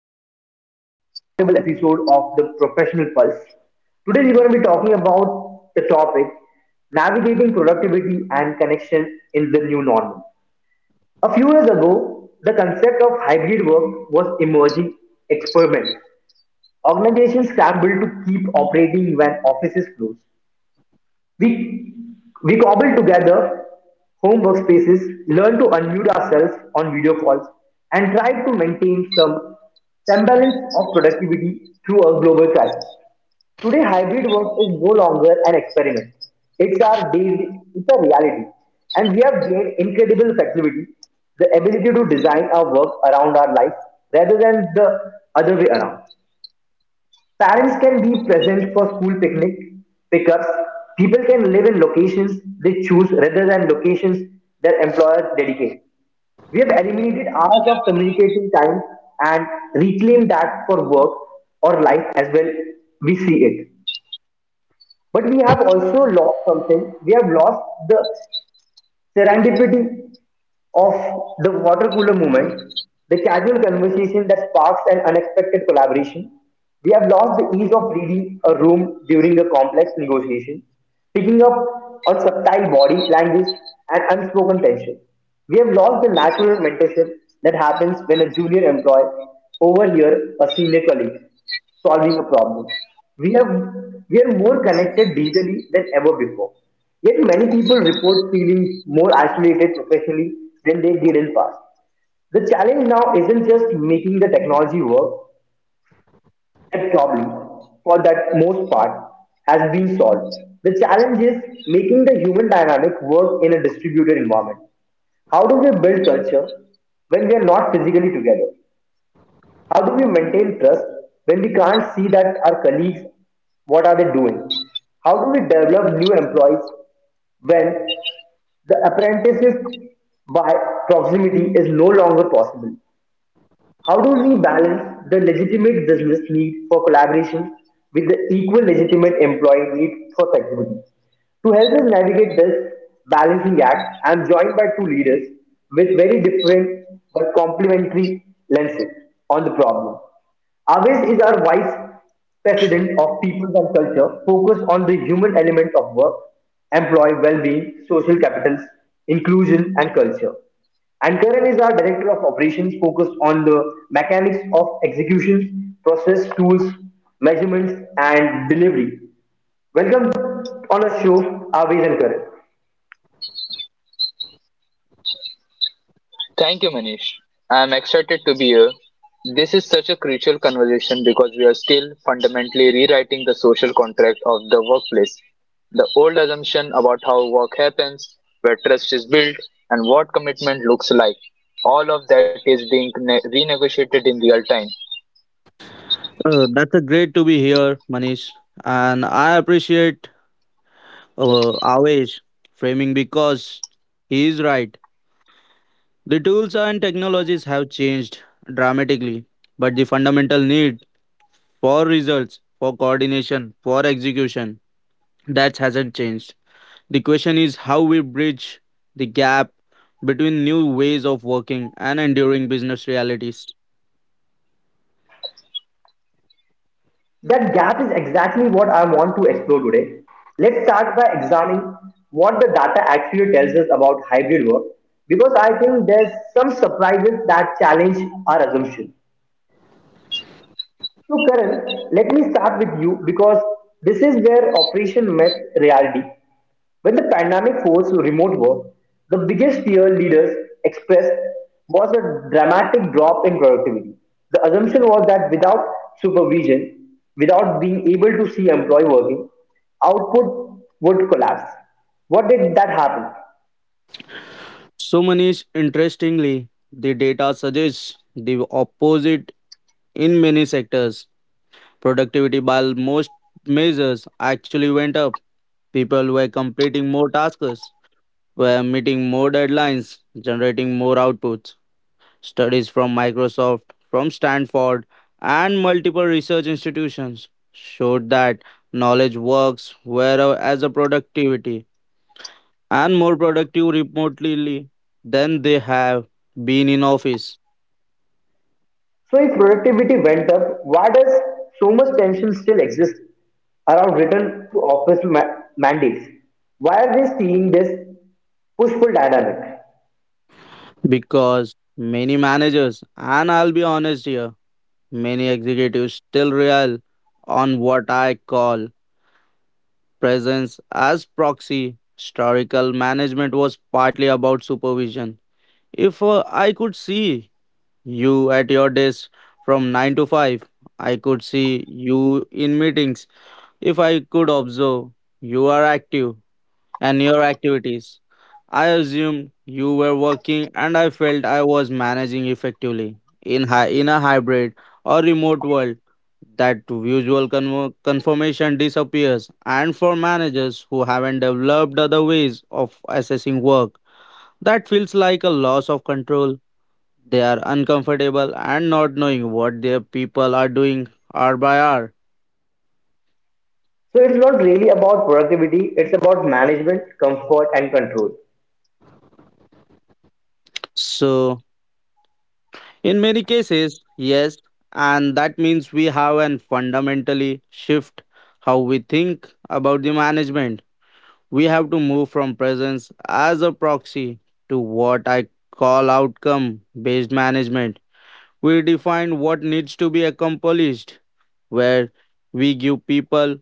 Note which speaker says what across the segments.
Speaker 1: welcome back to a special roundtable episode of the Professional Pulse. Today we're going to be talking about the topic navigating productivity and connection in the new normal. A few years ago, the concept of hybrid work was emerging experiment. Organizations scrambled to keep operating when offices closed. We, we cobbled together home workspaces, learned to unmute ourselves on video calls, and tried to maintain some semblance of productivity through a global crisis. Today, hybrid work is no longer an experiment. It's our daily, it's a reality. And we have gained incredible flexibility, the ability to design our work around our life rather than the other way around. Parents can be present for school picnic pickups. People can live in locations they choose rather than locations their employers dedicate. We have eliminated hours of communication time and reclaimed that for work or life as well we see it. But we have also lost something. We have lost the serendipity of the water cooler moment, the casual conversation that sparks an unexpected collaboration. We have lost the ease of reading a room during a complex negotiation, picking up on subtle body language and unspoken tension. We have lost the natural mentorship that happens when a junior employee overhears a senior colleague solving a problem. We have we are more connected digitally than ever before. Yet many people report feeling more isolated professionally than they did in past. The challenge now isn't just making the technology work. That problem, for that most part, has been solved. The challenge is making the human dynamic work in a distributed environment. How do we build culture when we are not physically together? How do we maintain trust when we can't see that our colleagues, what are they doing? How do we develop new employees when the apprenticeship by proximity is no longer possible? How do we balance the legitimate business need for collaboration with the equal legitimate employee need for flexibility? To help us navigate this balancing act, I am joined by two leaders with very different but complementary lenses on the problem. Aves is our vice president of people and culture, focused on the human element of work, employee well-being, social capitals, inclusion, and culture. And Karan is our director of operations focused on the mechanics of executions, process, tools, measurements, and delivery. Welcome on our show, Aviz and Karan.
Speaker 2: Thank you, Manish. I'm excited to be here. This is such a crucial conversation because we are still fundamentally rewriting the social contract of the workplace. The old assumption about how work happens, where trust is built, and what commitment looks like. All of that is being renegotiated in real time.
Speaker 3: That's a great to be here, Manish, and I appreciate Avesh framing because he is right. The tools and technologies have changed dramatically, but the fundamental need for results, for coordination, for execution, that hasn't changed. The question is how we bridge the gap between new ways of working and enduring business realities.
Speaker 1: That gap is exactly what I want to explore today. Let's start by examining what the data actually tells us about hybrid work because I think there's some surprises that challenge our assumption. So Karan, let me start with you because this is where operation met reality. When the pandemic forced remote work, the biggest fear leaders expressed was a dramatic drop in productivity. The assumption was that without supervision, without being able to see employee working, output would collapse. What did that happen?
Speaker 3: So, Manish, interestingly, the data suggests the opposite. In many sectors, productivity by most measures actually went up. People were completing more tasks, were meeting more deadlines, generating more outputs. Studies from Microsoft, from Stanford, and multiple research institutions showed that knowledge works were as a productivity and more productive remotely than they have been in office
Speaker 1: So if productivity went up, why does so much tension still exist around return to office mandates? Why are we seeing this push-pull dynamic?
Speaker 3: because many managers, and I'll be honest here, many executives still rely on what I call presence as proxy. Historical management was partly about supervision. If I could see you at your desk from 9 to 5, I could see you in meetings. If I could observe you are active, and your activities. I assumed you were working and I felt I was managing effectively in, in a hybrid or remote world. That usual confirmation disappears, and for managers who haven't developed other ways of assessing work, that feels like a loss of control. They are uncomfortable and not knowing what their people are doing hour by hour.
Speaker 1: So it's not really about productivity, it's about management, comfort, and control.
Speaker 3: So, in many cases, yes, and that means we have an fundamentally shift how we think about the management. We have to move from presence as a proxy to what I call outcome based management. We define what needs to be accomplished, where we give people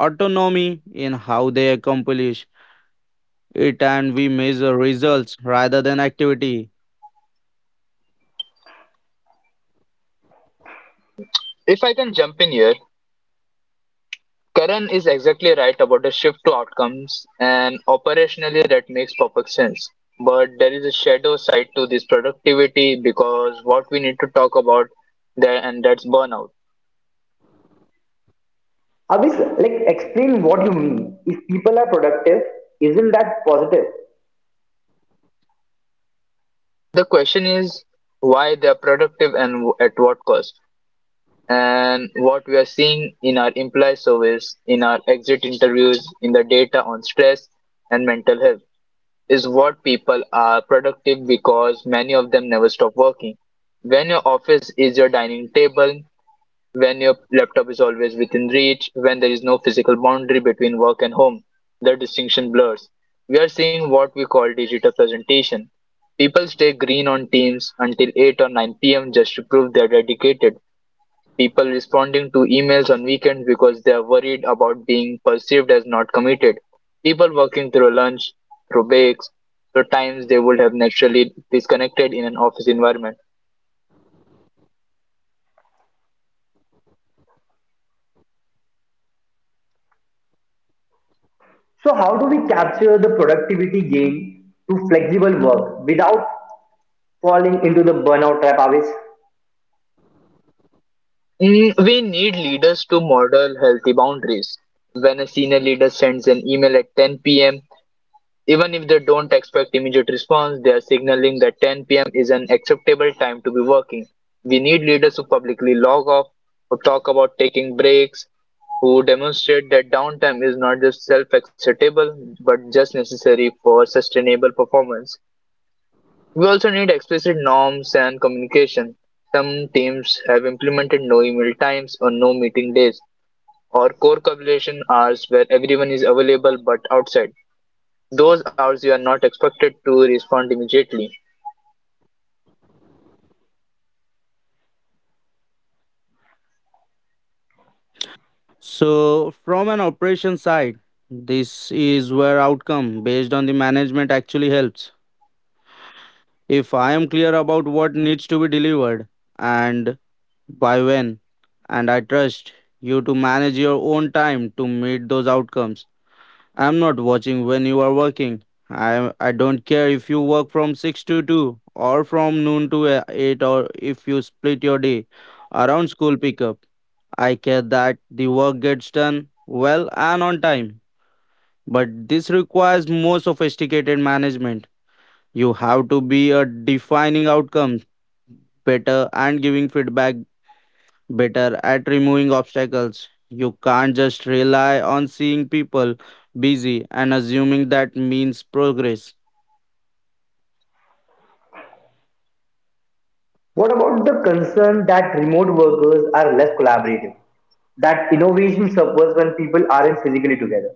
Speaker 3: autonomy in how they accomplish it and we measure results rather than activity.
Speaker 2: If I can jump in here, Karan is exactly right about the shift to outcomes, and operationally that makes perfect sense. But there is a shadow side to this productivity because what we need to talk about there, and that's burnout.
Speaker 1: Abhis, like explain what you mean. If people are productive, isn't that positive?
Speaker 2: The question is why they are productive and at what cost. And what we are seeing in our employee surveys, in our exit interviews, in the data on stress and mental health is what people are productive because many of them never stop working. When your office is your dining table, when your laptop is always within reach, when there is no physical boundary between work and home, the distinction blurs. We are seeing what we call digital presentation. People stay green on Teams until 8 or 9 p.m. just to prove they are dedicated. People responding to emails on weekends because they are worried about being perceived as not committed. People working through lunch, through breaks, through times they would have naturally disconnected in an office environment.
Speaker 1: So how do we capture the productivity gain through flexible work without falling into the burnout trap, Abhis?
Speaker 2: We need leaders to model healthy boundaries. When a senior leader sends an email at 10 p.m., even if they don't expect immediate response, they are signaling that 10 p.m. is an acceptable time to be working. We need leaders who publicly log off, who talk about taking breaks, who demonstrate that downtime is not just self acceptable but just necessary for sustainable performance. We also need explicit norms and communication. Some teams have implemented no email times or no meeting days or core collaboration hours where everyone is available but outside those hours you are not expected to respond immediately.
Speaker 3: So, from an operation side, this is where outcome based on the management actually helps. If I am clear about what needs to be delivered and by when, and I trust you to manage your own time to meet those outcomes. I'm not watching when you are working. I don't care if you work from 6 to 2 or from noon to 8, or if you split your day around school pickup. I care that the work gets done well and on time. But this requires more sophisticated management. You have to be a defining outcomes better and giving feedback better at removing obstacles. You can't just rely on seeing people busy and assuming that means progress.
Speaker 1: What about the concern that remote workers are less collaborative? That innovation suffers when people aren't physically together.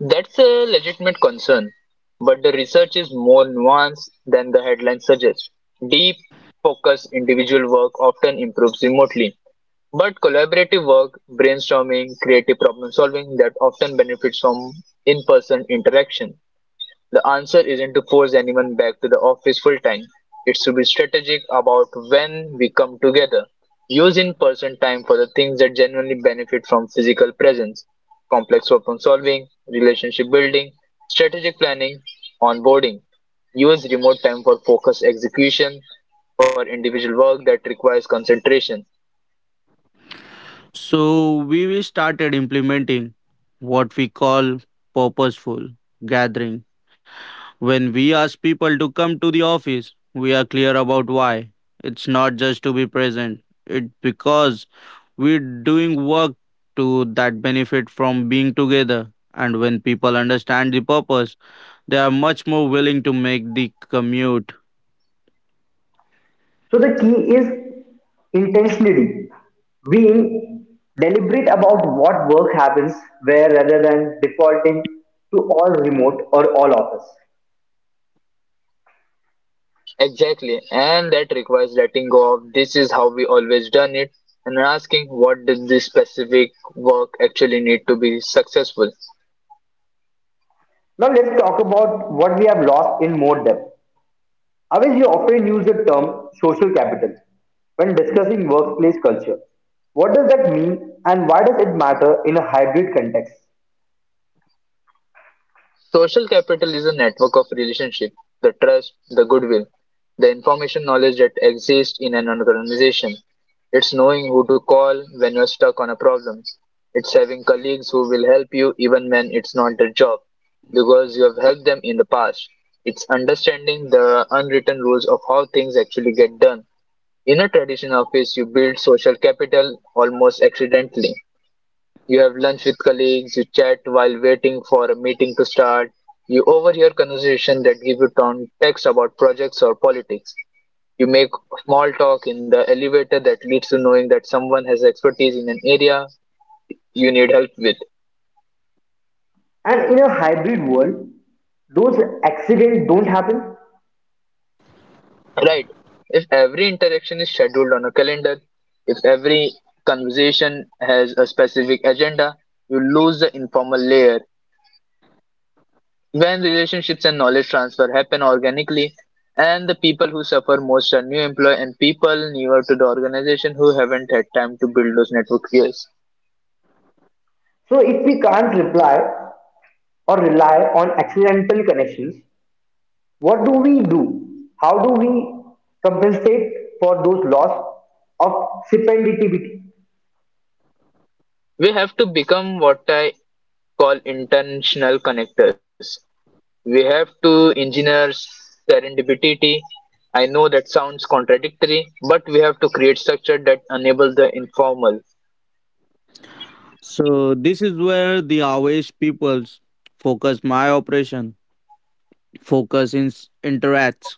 Speaker 2: That's a legitimate concern, but the research is more nuanced than the headline suggests. Deep, focused individual work often improves remotely, but collaborative work, brainstorming, creative problem solving that often benefits from in person interaction. The answer isn't to force anyone back to the office full time. It's to be strategic about when we come together. Use in person time for the things that genuinely benefit from physical presence, complex problem solving, relationship building, strategic planning, onboarding. Use remote time for focused execution, for individual work that requires concentration.
Speaker 3: So we started implementing what we call purposeful gathering. When we ask people to come to the office, we are clear about why. It's not just to be present. It's because we're doing work to that benefit from being together. And when people understand the purpose, they are much more willing to make the commute.
Speaker 1: So the key is intentionality, being deliberate about what work happens where rather than defaulting to all remote or all office.
Speaker 2: Exactly, and that requires letting go of this is how we always done it and asking what does this specific work actually need to be successful.
Speaker 1: Now let's talk about what we have lost in more depth. Always you often use the term social capital when discussing workplace culture. What does that mean and why does it matter in a hybrid context?
Speaker 2: Social capital is a network of relationships, the trust, the goodwill, the information knowledge that exists in an organization. It's knowing who to call when you're stuck on a problem. It's having colleagues who will help you even when it's not their job because you have helped them in the past. It's understanding the unwritten rules of how things actually get done. In a traditional office, you build social capital almost accidentally. You have lunch with colleagues, you chat while waiting for a meeting to start, you overhear conversations that give you context about projects or politics. You make small talk in the elevator that leads to knowing that someone has expertise in an area you need help with.
Speaker 1: And in a hybrid world, those accidents don't happen.
Speaker 2: Right. If every interaction is scheduled on a calendar, if every conversation has a specific agenda, you lose the informal layer when relationships and knowledge transfer happen organically, and the people who suffer most are new employee and people newer to the organization who haven't had time to build those network skills.
Speaker 1: So if we can't reply or rely on accidental connections. What do we do? How do we compensate for those loss of serendipity?
Speaker 2: We have to become what I call intentional connectors. We have to engineer serendipity. I know that sounds contradictory, but we have to create structure that enable the informal.
Speaker 3: So this is where the Awesh people's focus my operation focus in interacts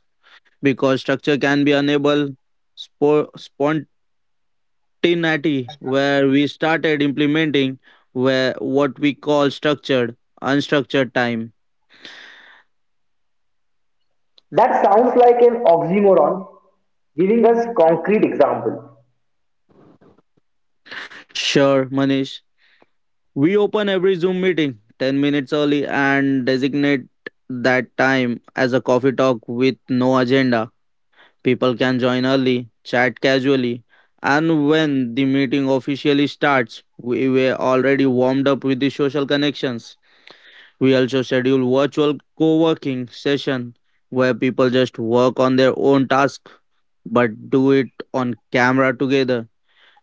Speaker 3: because structure can be unable spo- spontaneity where we started implementing where what we call structured unstructured time.
Speaker 1: That sounds like an oxymoron, giving us concrete example.
Speaker 3: Sure, Manish. We open every Zoom meeting 10 minutes early and designate that time as a coffee talk with no agenda. People can join early, chat casually, and when the meeting officially starts, we were already warmed up with the social connections. We also schedule virtual co-working session where people just work on their own task but do it on camera together.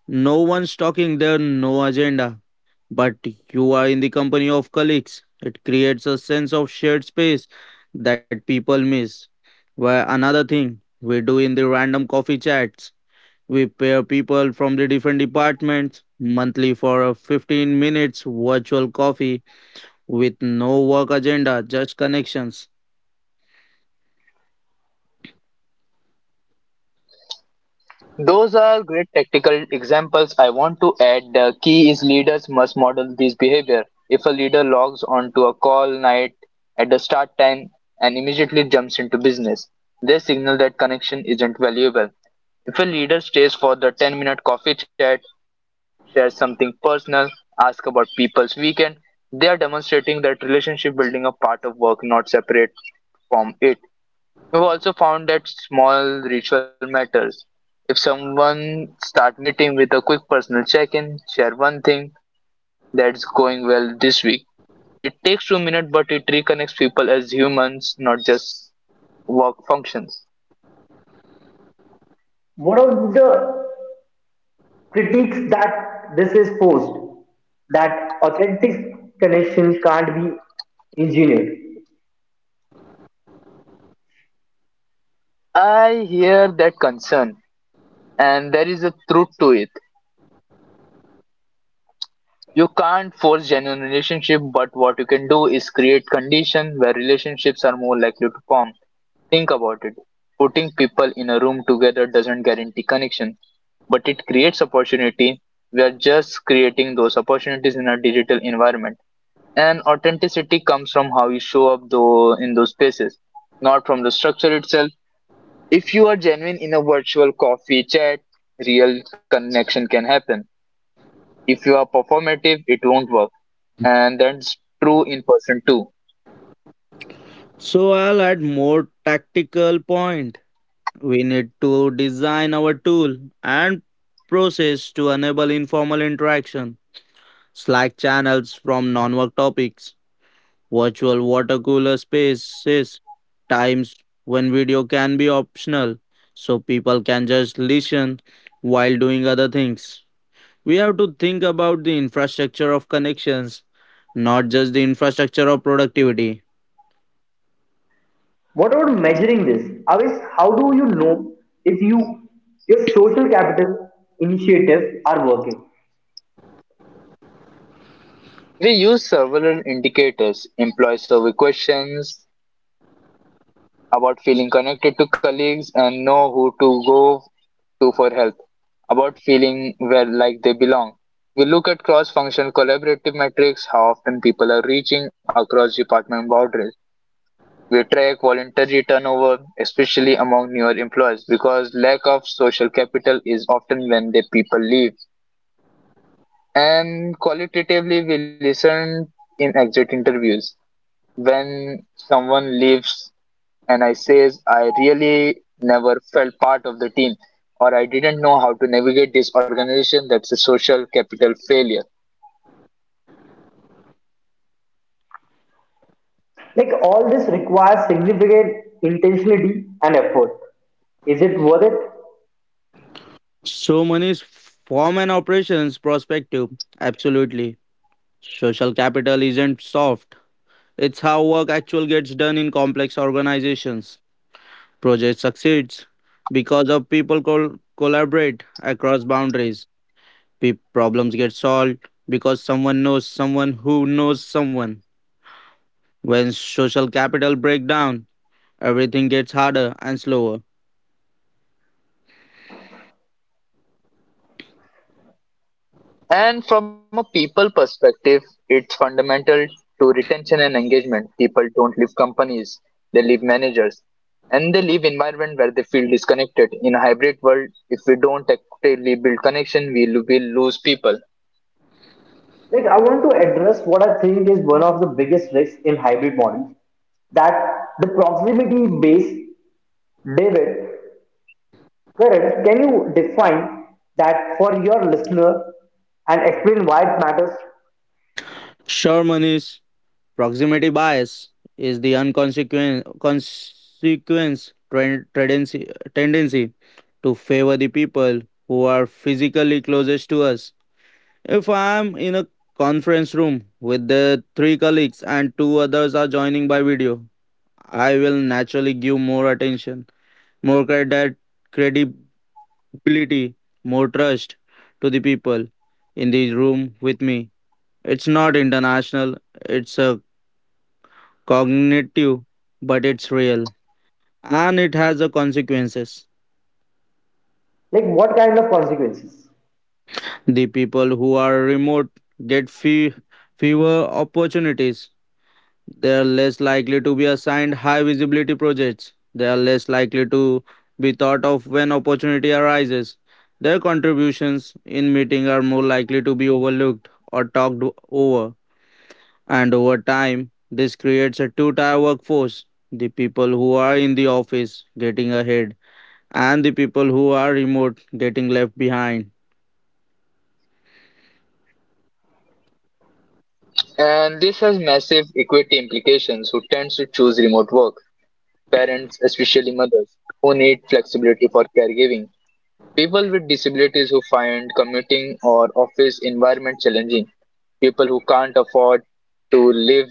Speaker 3: No one's talking there, no agenda. But you are in the company of colleagues. It creates a sense of shared space that people miss. Where another thing we do in the random coffee chats, we pair people from the different departments monthly for a 15 minutes virtual coffee with no work agenda, just connections.
Speaker 2: Those are great tactical examples. I want to add the key is leaders must model this behavior. If a leader logs onto a call night at the start time and immediately jumps into business, they signal that connection isn't valuable. If a leader stays for the 10-minute coffee chat, shares something personal, asks about people's weekend, they are demonstrating that relationship building a part of work, not separate from it. We've also found that small ritual matters. If someone start meeting with a quick personal check-in, share one thing that's going well this week. It takes 2 minutes, but it reconnects people as humans, not just work functions.
Speaker 1: What are the critiques that this is posed? That authentic connections can't be engineered.
Speaker 2: I hear that concern, and there is a truth to it. You can't force genuine relationship, but what you can do is create condition where relationships are more likely to form. Think about it. Putting people in a room together doesn't guarantee connection but it creates opportunity. We are just creating those opportunities in a digital environment. And authenticity comes from how you show up though in those spaces, not from the structure itself. If you are genuine in a virtual coffee chat, real connection can happen. If you are performative, it won't work. And that's true in person too.
Speaker 3: So I'll add more tactical point. We need to design our tool and process to enable informal interaction, Slack channels from non work topics, virtual water cooler spaces, times when video can be optional so people can just listen while doing other things. We have to think about the infrastructure of connections, not just the infrastructure of productivity.
Speaker 1: What about measuring this? Avis, how do you know if you your social capital initiatives are working?
Speaker 2: We use several indicators, employee survey questions about feeling connected to colleagues and know who to go to for help, about feeling where like they belong. We look at cross-functional collaborative metrics, how often people are reaching across department boundaries. We track voluntary turnover, especially among newer employees, because lack of social capital is often when the people leave. And qualitatively, we listen in exit interviews. When someone leaves and I says I really never felt part of the team or I didn't know how to navigate this organization, that's a social capital failure.
Speaker 1: Like all this requires significant intentionality and effort. Is it worth it?
Speaker 3: So, money is from an operations perspective, absolutely. Social capital isn't soft. It's how work actually gets done in complex organizations. Project succeeds because of people collaborate across boundaries. Problems get solved because someone knows someone who knows someone. When social capital break down, everything gets harder and slower.
Speaker 2: And from a people perspective, it's fundamental to retention and engagement. People don't leave companies, they leave managers. And they leave environment where they feel disconnected. In a hybrid world, if we don't actively build connection, we will lose people.
Speaker 1: Like I want to address what I think is one of the biggest risks in hybrid models that the proximity based David, Karan, can you define that for your listener and explain why it matters?
Speaker 3: Sure, Manish, proximity bias is the unconsequent consequence tendency to favor the people who are physically closest to us. If I am in a conference room with the three colleagues and two others are joining by video, I will naturally give more attention, more credit, credibility, more trust to the people in the room with me. It's not international, it's a cognitive, but it's real and it has the consequences.
Speaker 1: Like what kind of consequences?
Speaker 3: The people who are remote get fewer opportunities. They are less likely to be assigned high visibility projects. They are less likely to be thought of when opportunity arises. Their contributions in meeting are more likely to be overlooked or talked over. And over time, this creates a two-tier workforce. The people who are in the office getting ahead and the people who are remote getting left behind.
Speaker 2: And this has massive equity implications who tends to choose remote work parents, especially mothers, who need flexibility for caregiving, people with disabilities who find commuting or office environment challenging, people who can't afford to live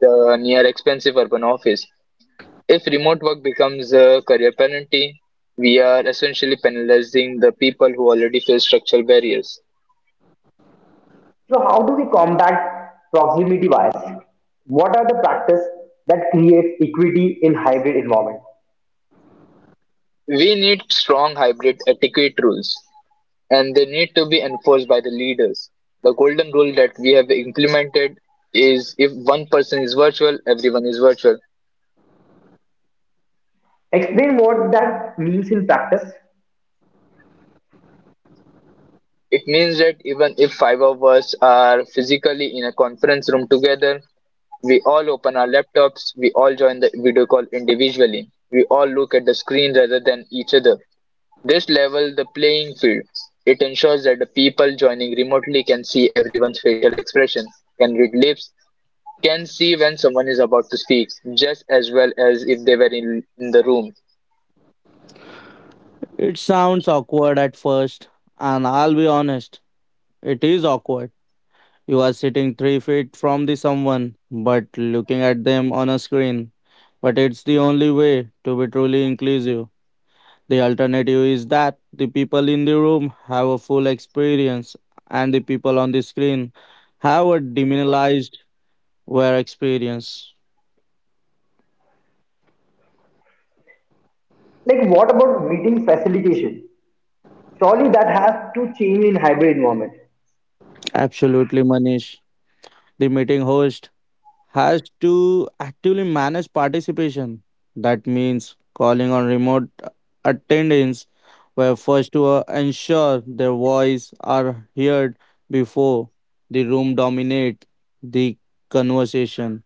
Speaker 2: the near expensive urban office. If remote work becomes a career penalty, we are essentially penalizing the people who already face structural barriers.
Speaker 1: So how do we combat proximity bias? What are the practices that create equity in hybrid environment?
Speaker 2: We need strong hybrid etiquette rules and they need to be enforced by the leaders. The golden rule that we have implemented is if 1 person is virtual, everyone is virtual.
Speaker 1: Explain what that means in practice.
Speaker 2: It means that even if five of us are physically in a conference room together, we all open our laptops, we all join the video call individually, we all look at the screen rather than each other. This level the playing field. It ensures that the people joining remotely can see everyone's facial expression, can read lips, can see when someone is about to speak just as well as if they were in the room.
Speaker 3: It sounds awkward at first, and I'll be honest, it is awkward. You are sitting 3 feet from the someone, but looking at them on a screen. But it's the only way to be truly inclusive. The alternative is that the people in the room have a full experience, and the people on the screen have a diminished their experience.
Speaker 1: Like, what about meeting facilitation? Surely that has to change in hybrid environment.
Speaker 3: Absolutely, Manish. The meeting host has to actively manage participation. That means calling on remote attendants were first to ensure their voice are heard before the room dominate the conversation.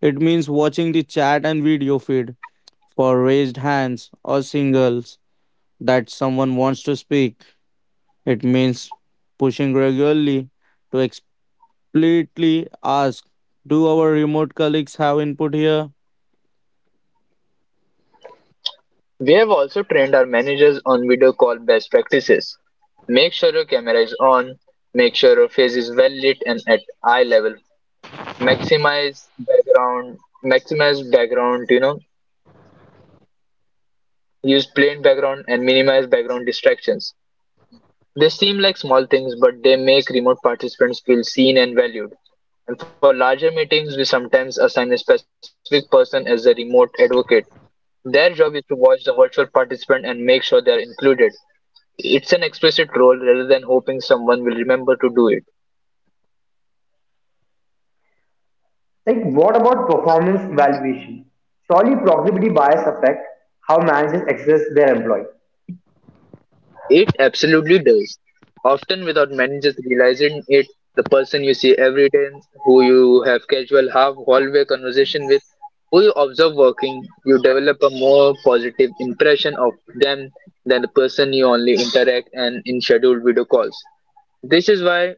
Speaker 3: It means watching the chat and video feed for raised hands or singles that someone wants to speak. It means pushing regularly to explicitly ask, do our remote colleagues have input here?
Speaker 2: We have also trained our managers on video call best practices. Make sure your camera is on, make sure your face is well lit and at eye level. Maximize background, maximize background, use plain background and minimize background distractions. They seem like small things, but they make remote participants feel seen and valued. And for larger meetings, we sometimes assign a specific person as a remote advocate. Their job is to watch the virtual participant and make sure they are included. It's an explicit role rather than hoping someone will remember to do it.
Speaker 1: Like, what about performance evaluation? Surely proximity bias affect how managers assess their employee.
Speaker 2: It absolutely does. Often without managers realizing it, the person you see every day, who you have casual half hallway conversation with, who you observe working, you develop a more positive impression of them than the person you only interact and in scheduled video calls. This is why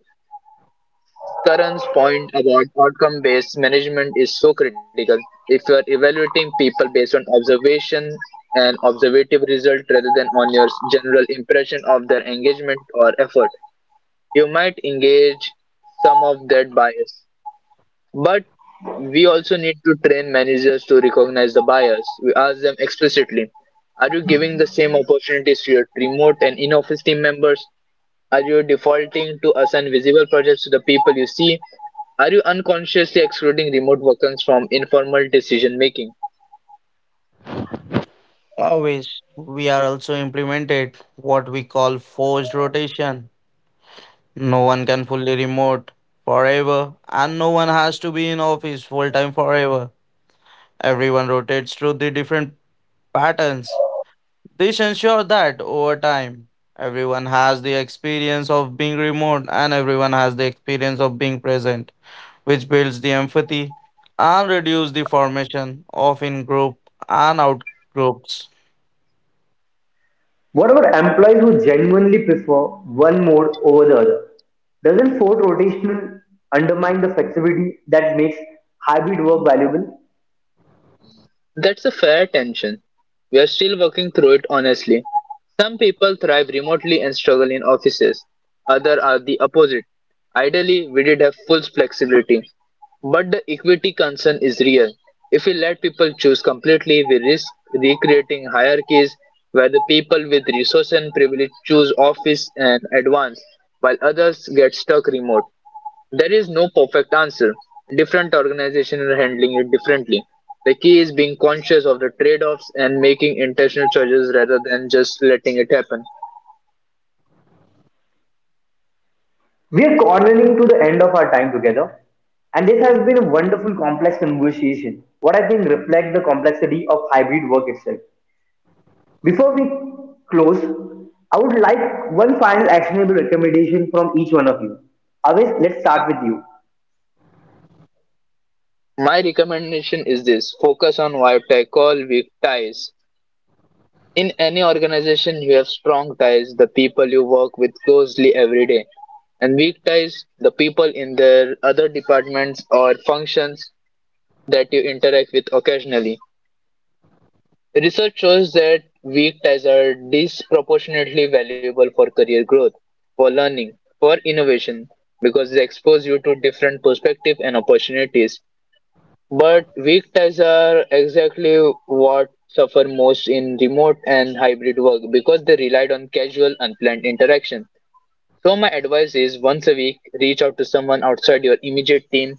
Speaker 2: Karan's point about outcome based management is so critical. If you are evaluating people based on observation and observative result rather than on your general impression of their engagement or effort, you might engage some of that bias. But we also need to train managers to recognize the bias. We ask them explicitly, are you giving the same opportunities to your remote and in office team members? Are you defaulting to assign visible projects to the people you see? Are you unconsciously excluding remote workers from informal decision making?
Speaker 3: Always, we are also implemented what we call forced rotation. No one can fully remote forever, and no one has to be in office full time forever. Everyone rotates through the different patterns. This ensures that over time, everyone has the experience of being remote and everyone has the experience of being present, which builds the empathy and reduces the formation of in group and out groups.
Speaker 1: What about employees who genuinely prefer one mode over the other? Doesn't forced rotational undermine the flexibility that makes hybrid work valuable?
Speaker 2: That's a fair tension. We are still working through it honestly. Some people thrive remotely and struggle in offices. Others are the opposite. Ideally, we did have full flexibility. But the equity concern is real. If we let people choose completely, we risk recreating hierarchies where the people with resources and privilege choose office and advance, while others get stuck remote. There is no perfect answer. Different organizations are handling it differently. The key is being conscious of the trade offs and making intentional choices rather than just letting it happen.
Speaker 1: We are cornering to the end of our time together, and this has been a wonderful complex conversation, what I think reflects the complexity of hybrid work itself. Before we close, I would like one final actionable recommendation from each one of you. Always, let's start with you.
Speaker 2: My recommendation is this focus on what I call weak ties. In any organization, you have strong ties, the people you work with closely every day, and weak ties, the people in their other departments or functions that you interact with occasionally. Research shows that weak ties are disproportionately valuable for career growth, for learning, for innovation, because they expose you to different perspectives and opportunities. But weak ties are exactly what suffer most in remote and hybrid work because they relied on casual, unplanned interaction. So my advice is once a week, reach out to someone outside your immediate team,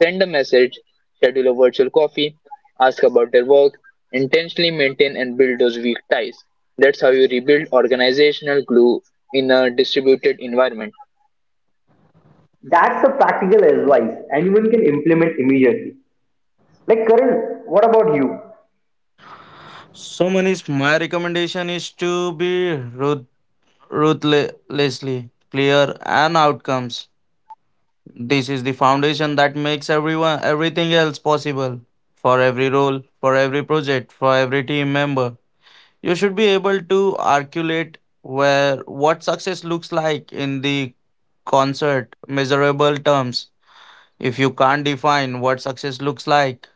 Speaker 2: send a message, schedule a virtual coffee, ask about their work, intentionally maintain and build those weak ties. That's how you rebuild organizational glue in a distributed environment.
Speaker 1: That's a practical advice anyone can implement immediately. Like Karan, what about you?
Speaker 3: So Manish, my recommendation is to be ruthlessly clear and outcomes. This is the foundation that makes everyone everything else possible. For every role, for every project, for every team member, you should be able to articulate where what success looks like in the concert measurable terms if you can't define what success looks like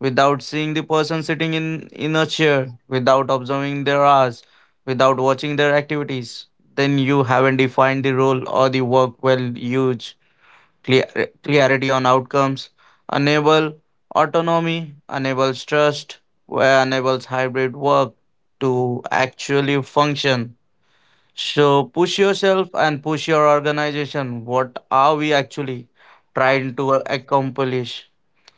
Speaker 3: without seeing the person sitting in a chair, without observing their hours, without watching their activities, then you haven't defined the role or the work well. Huge clear, clarity on outcomes enable autonomy, enables trust, where enables hybrid work to actually function so push yourself and push your organization. What are we actually trying to accomplish?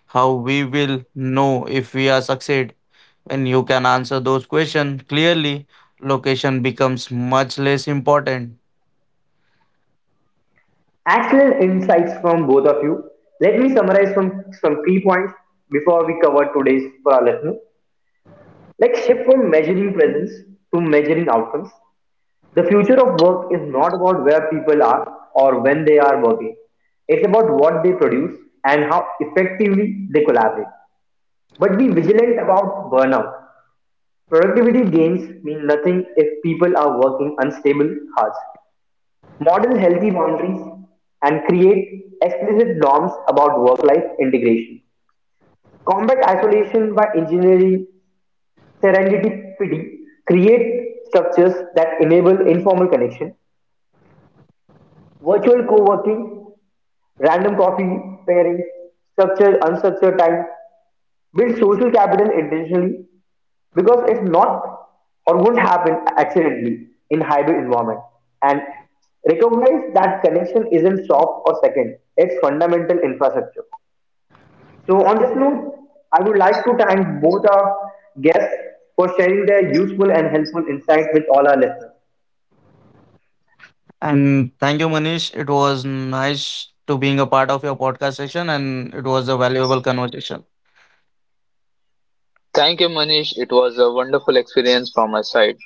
Speaker 3: How we will know if we are succeed? When you can answer those questions clearly, location becomes much less important.
Speaker 1: Excellent insights from both of you. Let me summarize some key points before we cover today's for our listeners. Like shift from measuring presence to measuring outcomes. The future of work is not about where people are or when they are working. It's about what they produce and how effectively they collaborate. But be vigilant about burnout. Productivity gains mean nothing if people are working unstable hours. Model healthy boundaries and create explicit norms about work life integration. Combat isolation by engineering serendipity create structures that enable informal connection, virtual co-working, random coffee pairings, structured unstructured time, build social capital intentionally because it's not or won't happen accidentally in hybrid environment and recognize that connection isn't soft or second it's fundamental infrastructure so on this note I would like to thank both our guests for sharing their useful and helpful insight with all our listeners.
Speaker 3: And thank you, Manish. It was nice to being a part of your podcast session, and it was a valuable conversation.
Speaker 2: Thank you, Manish. It was a wonderful experience from my side.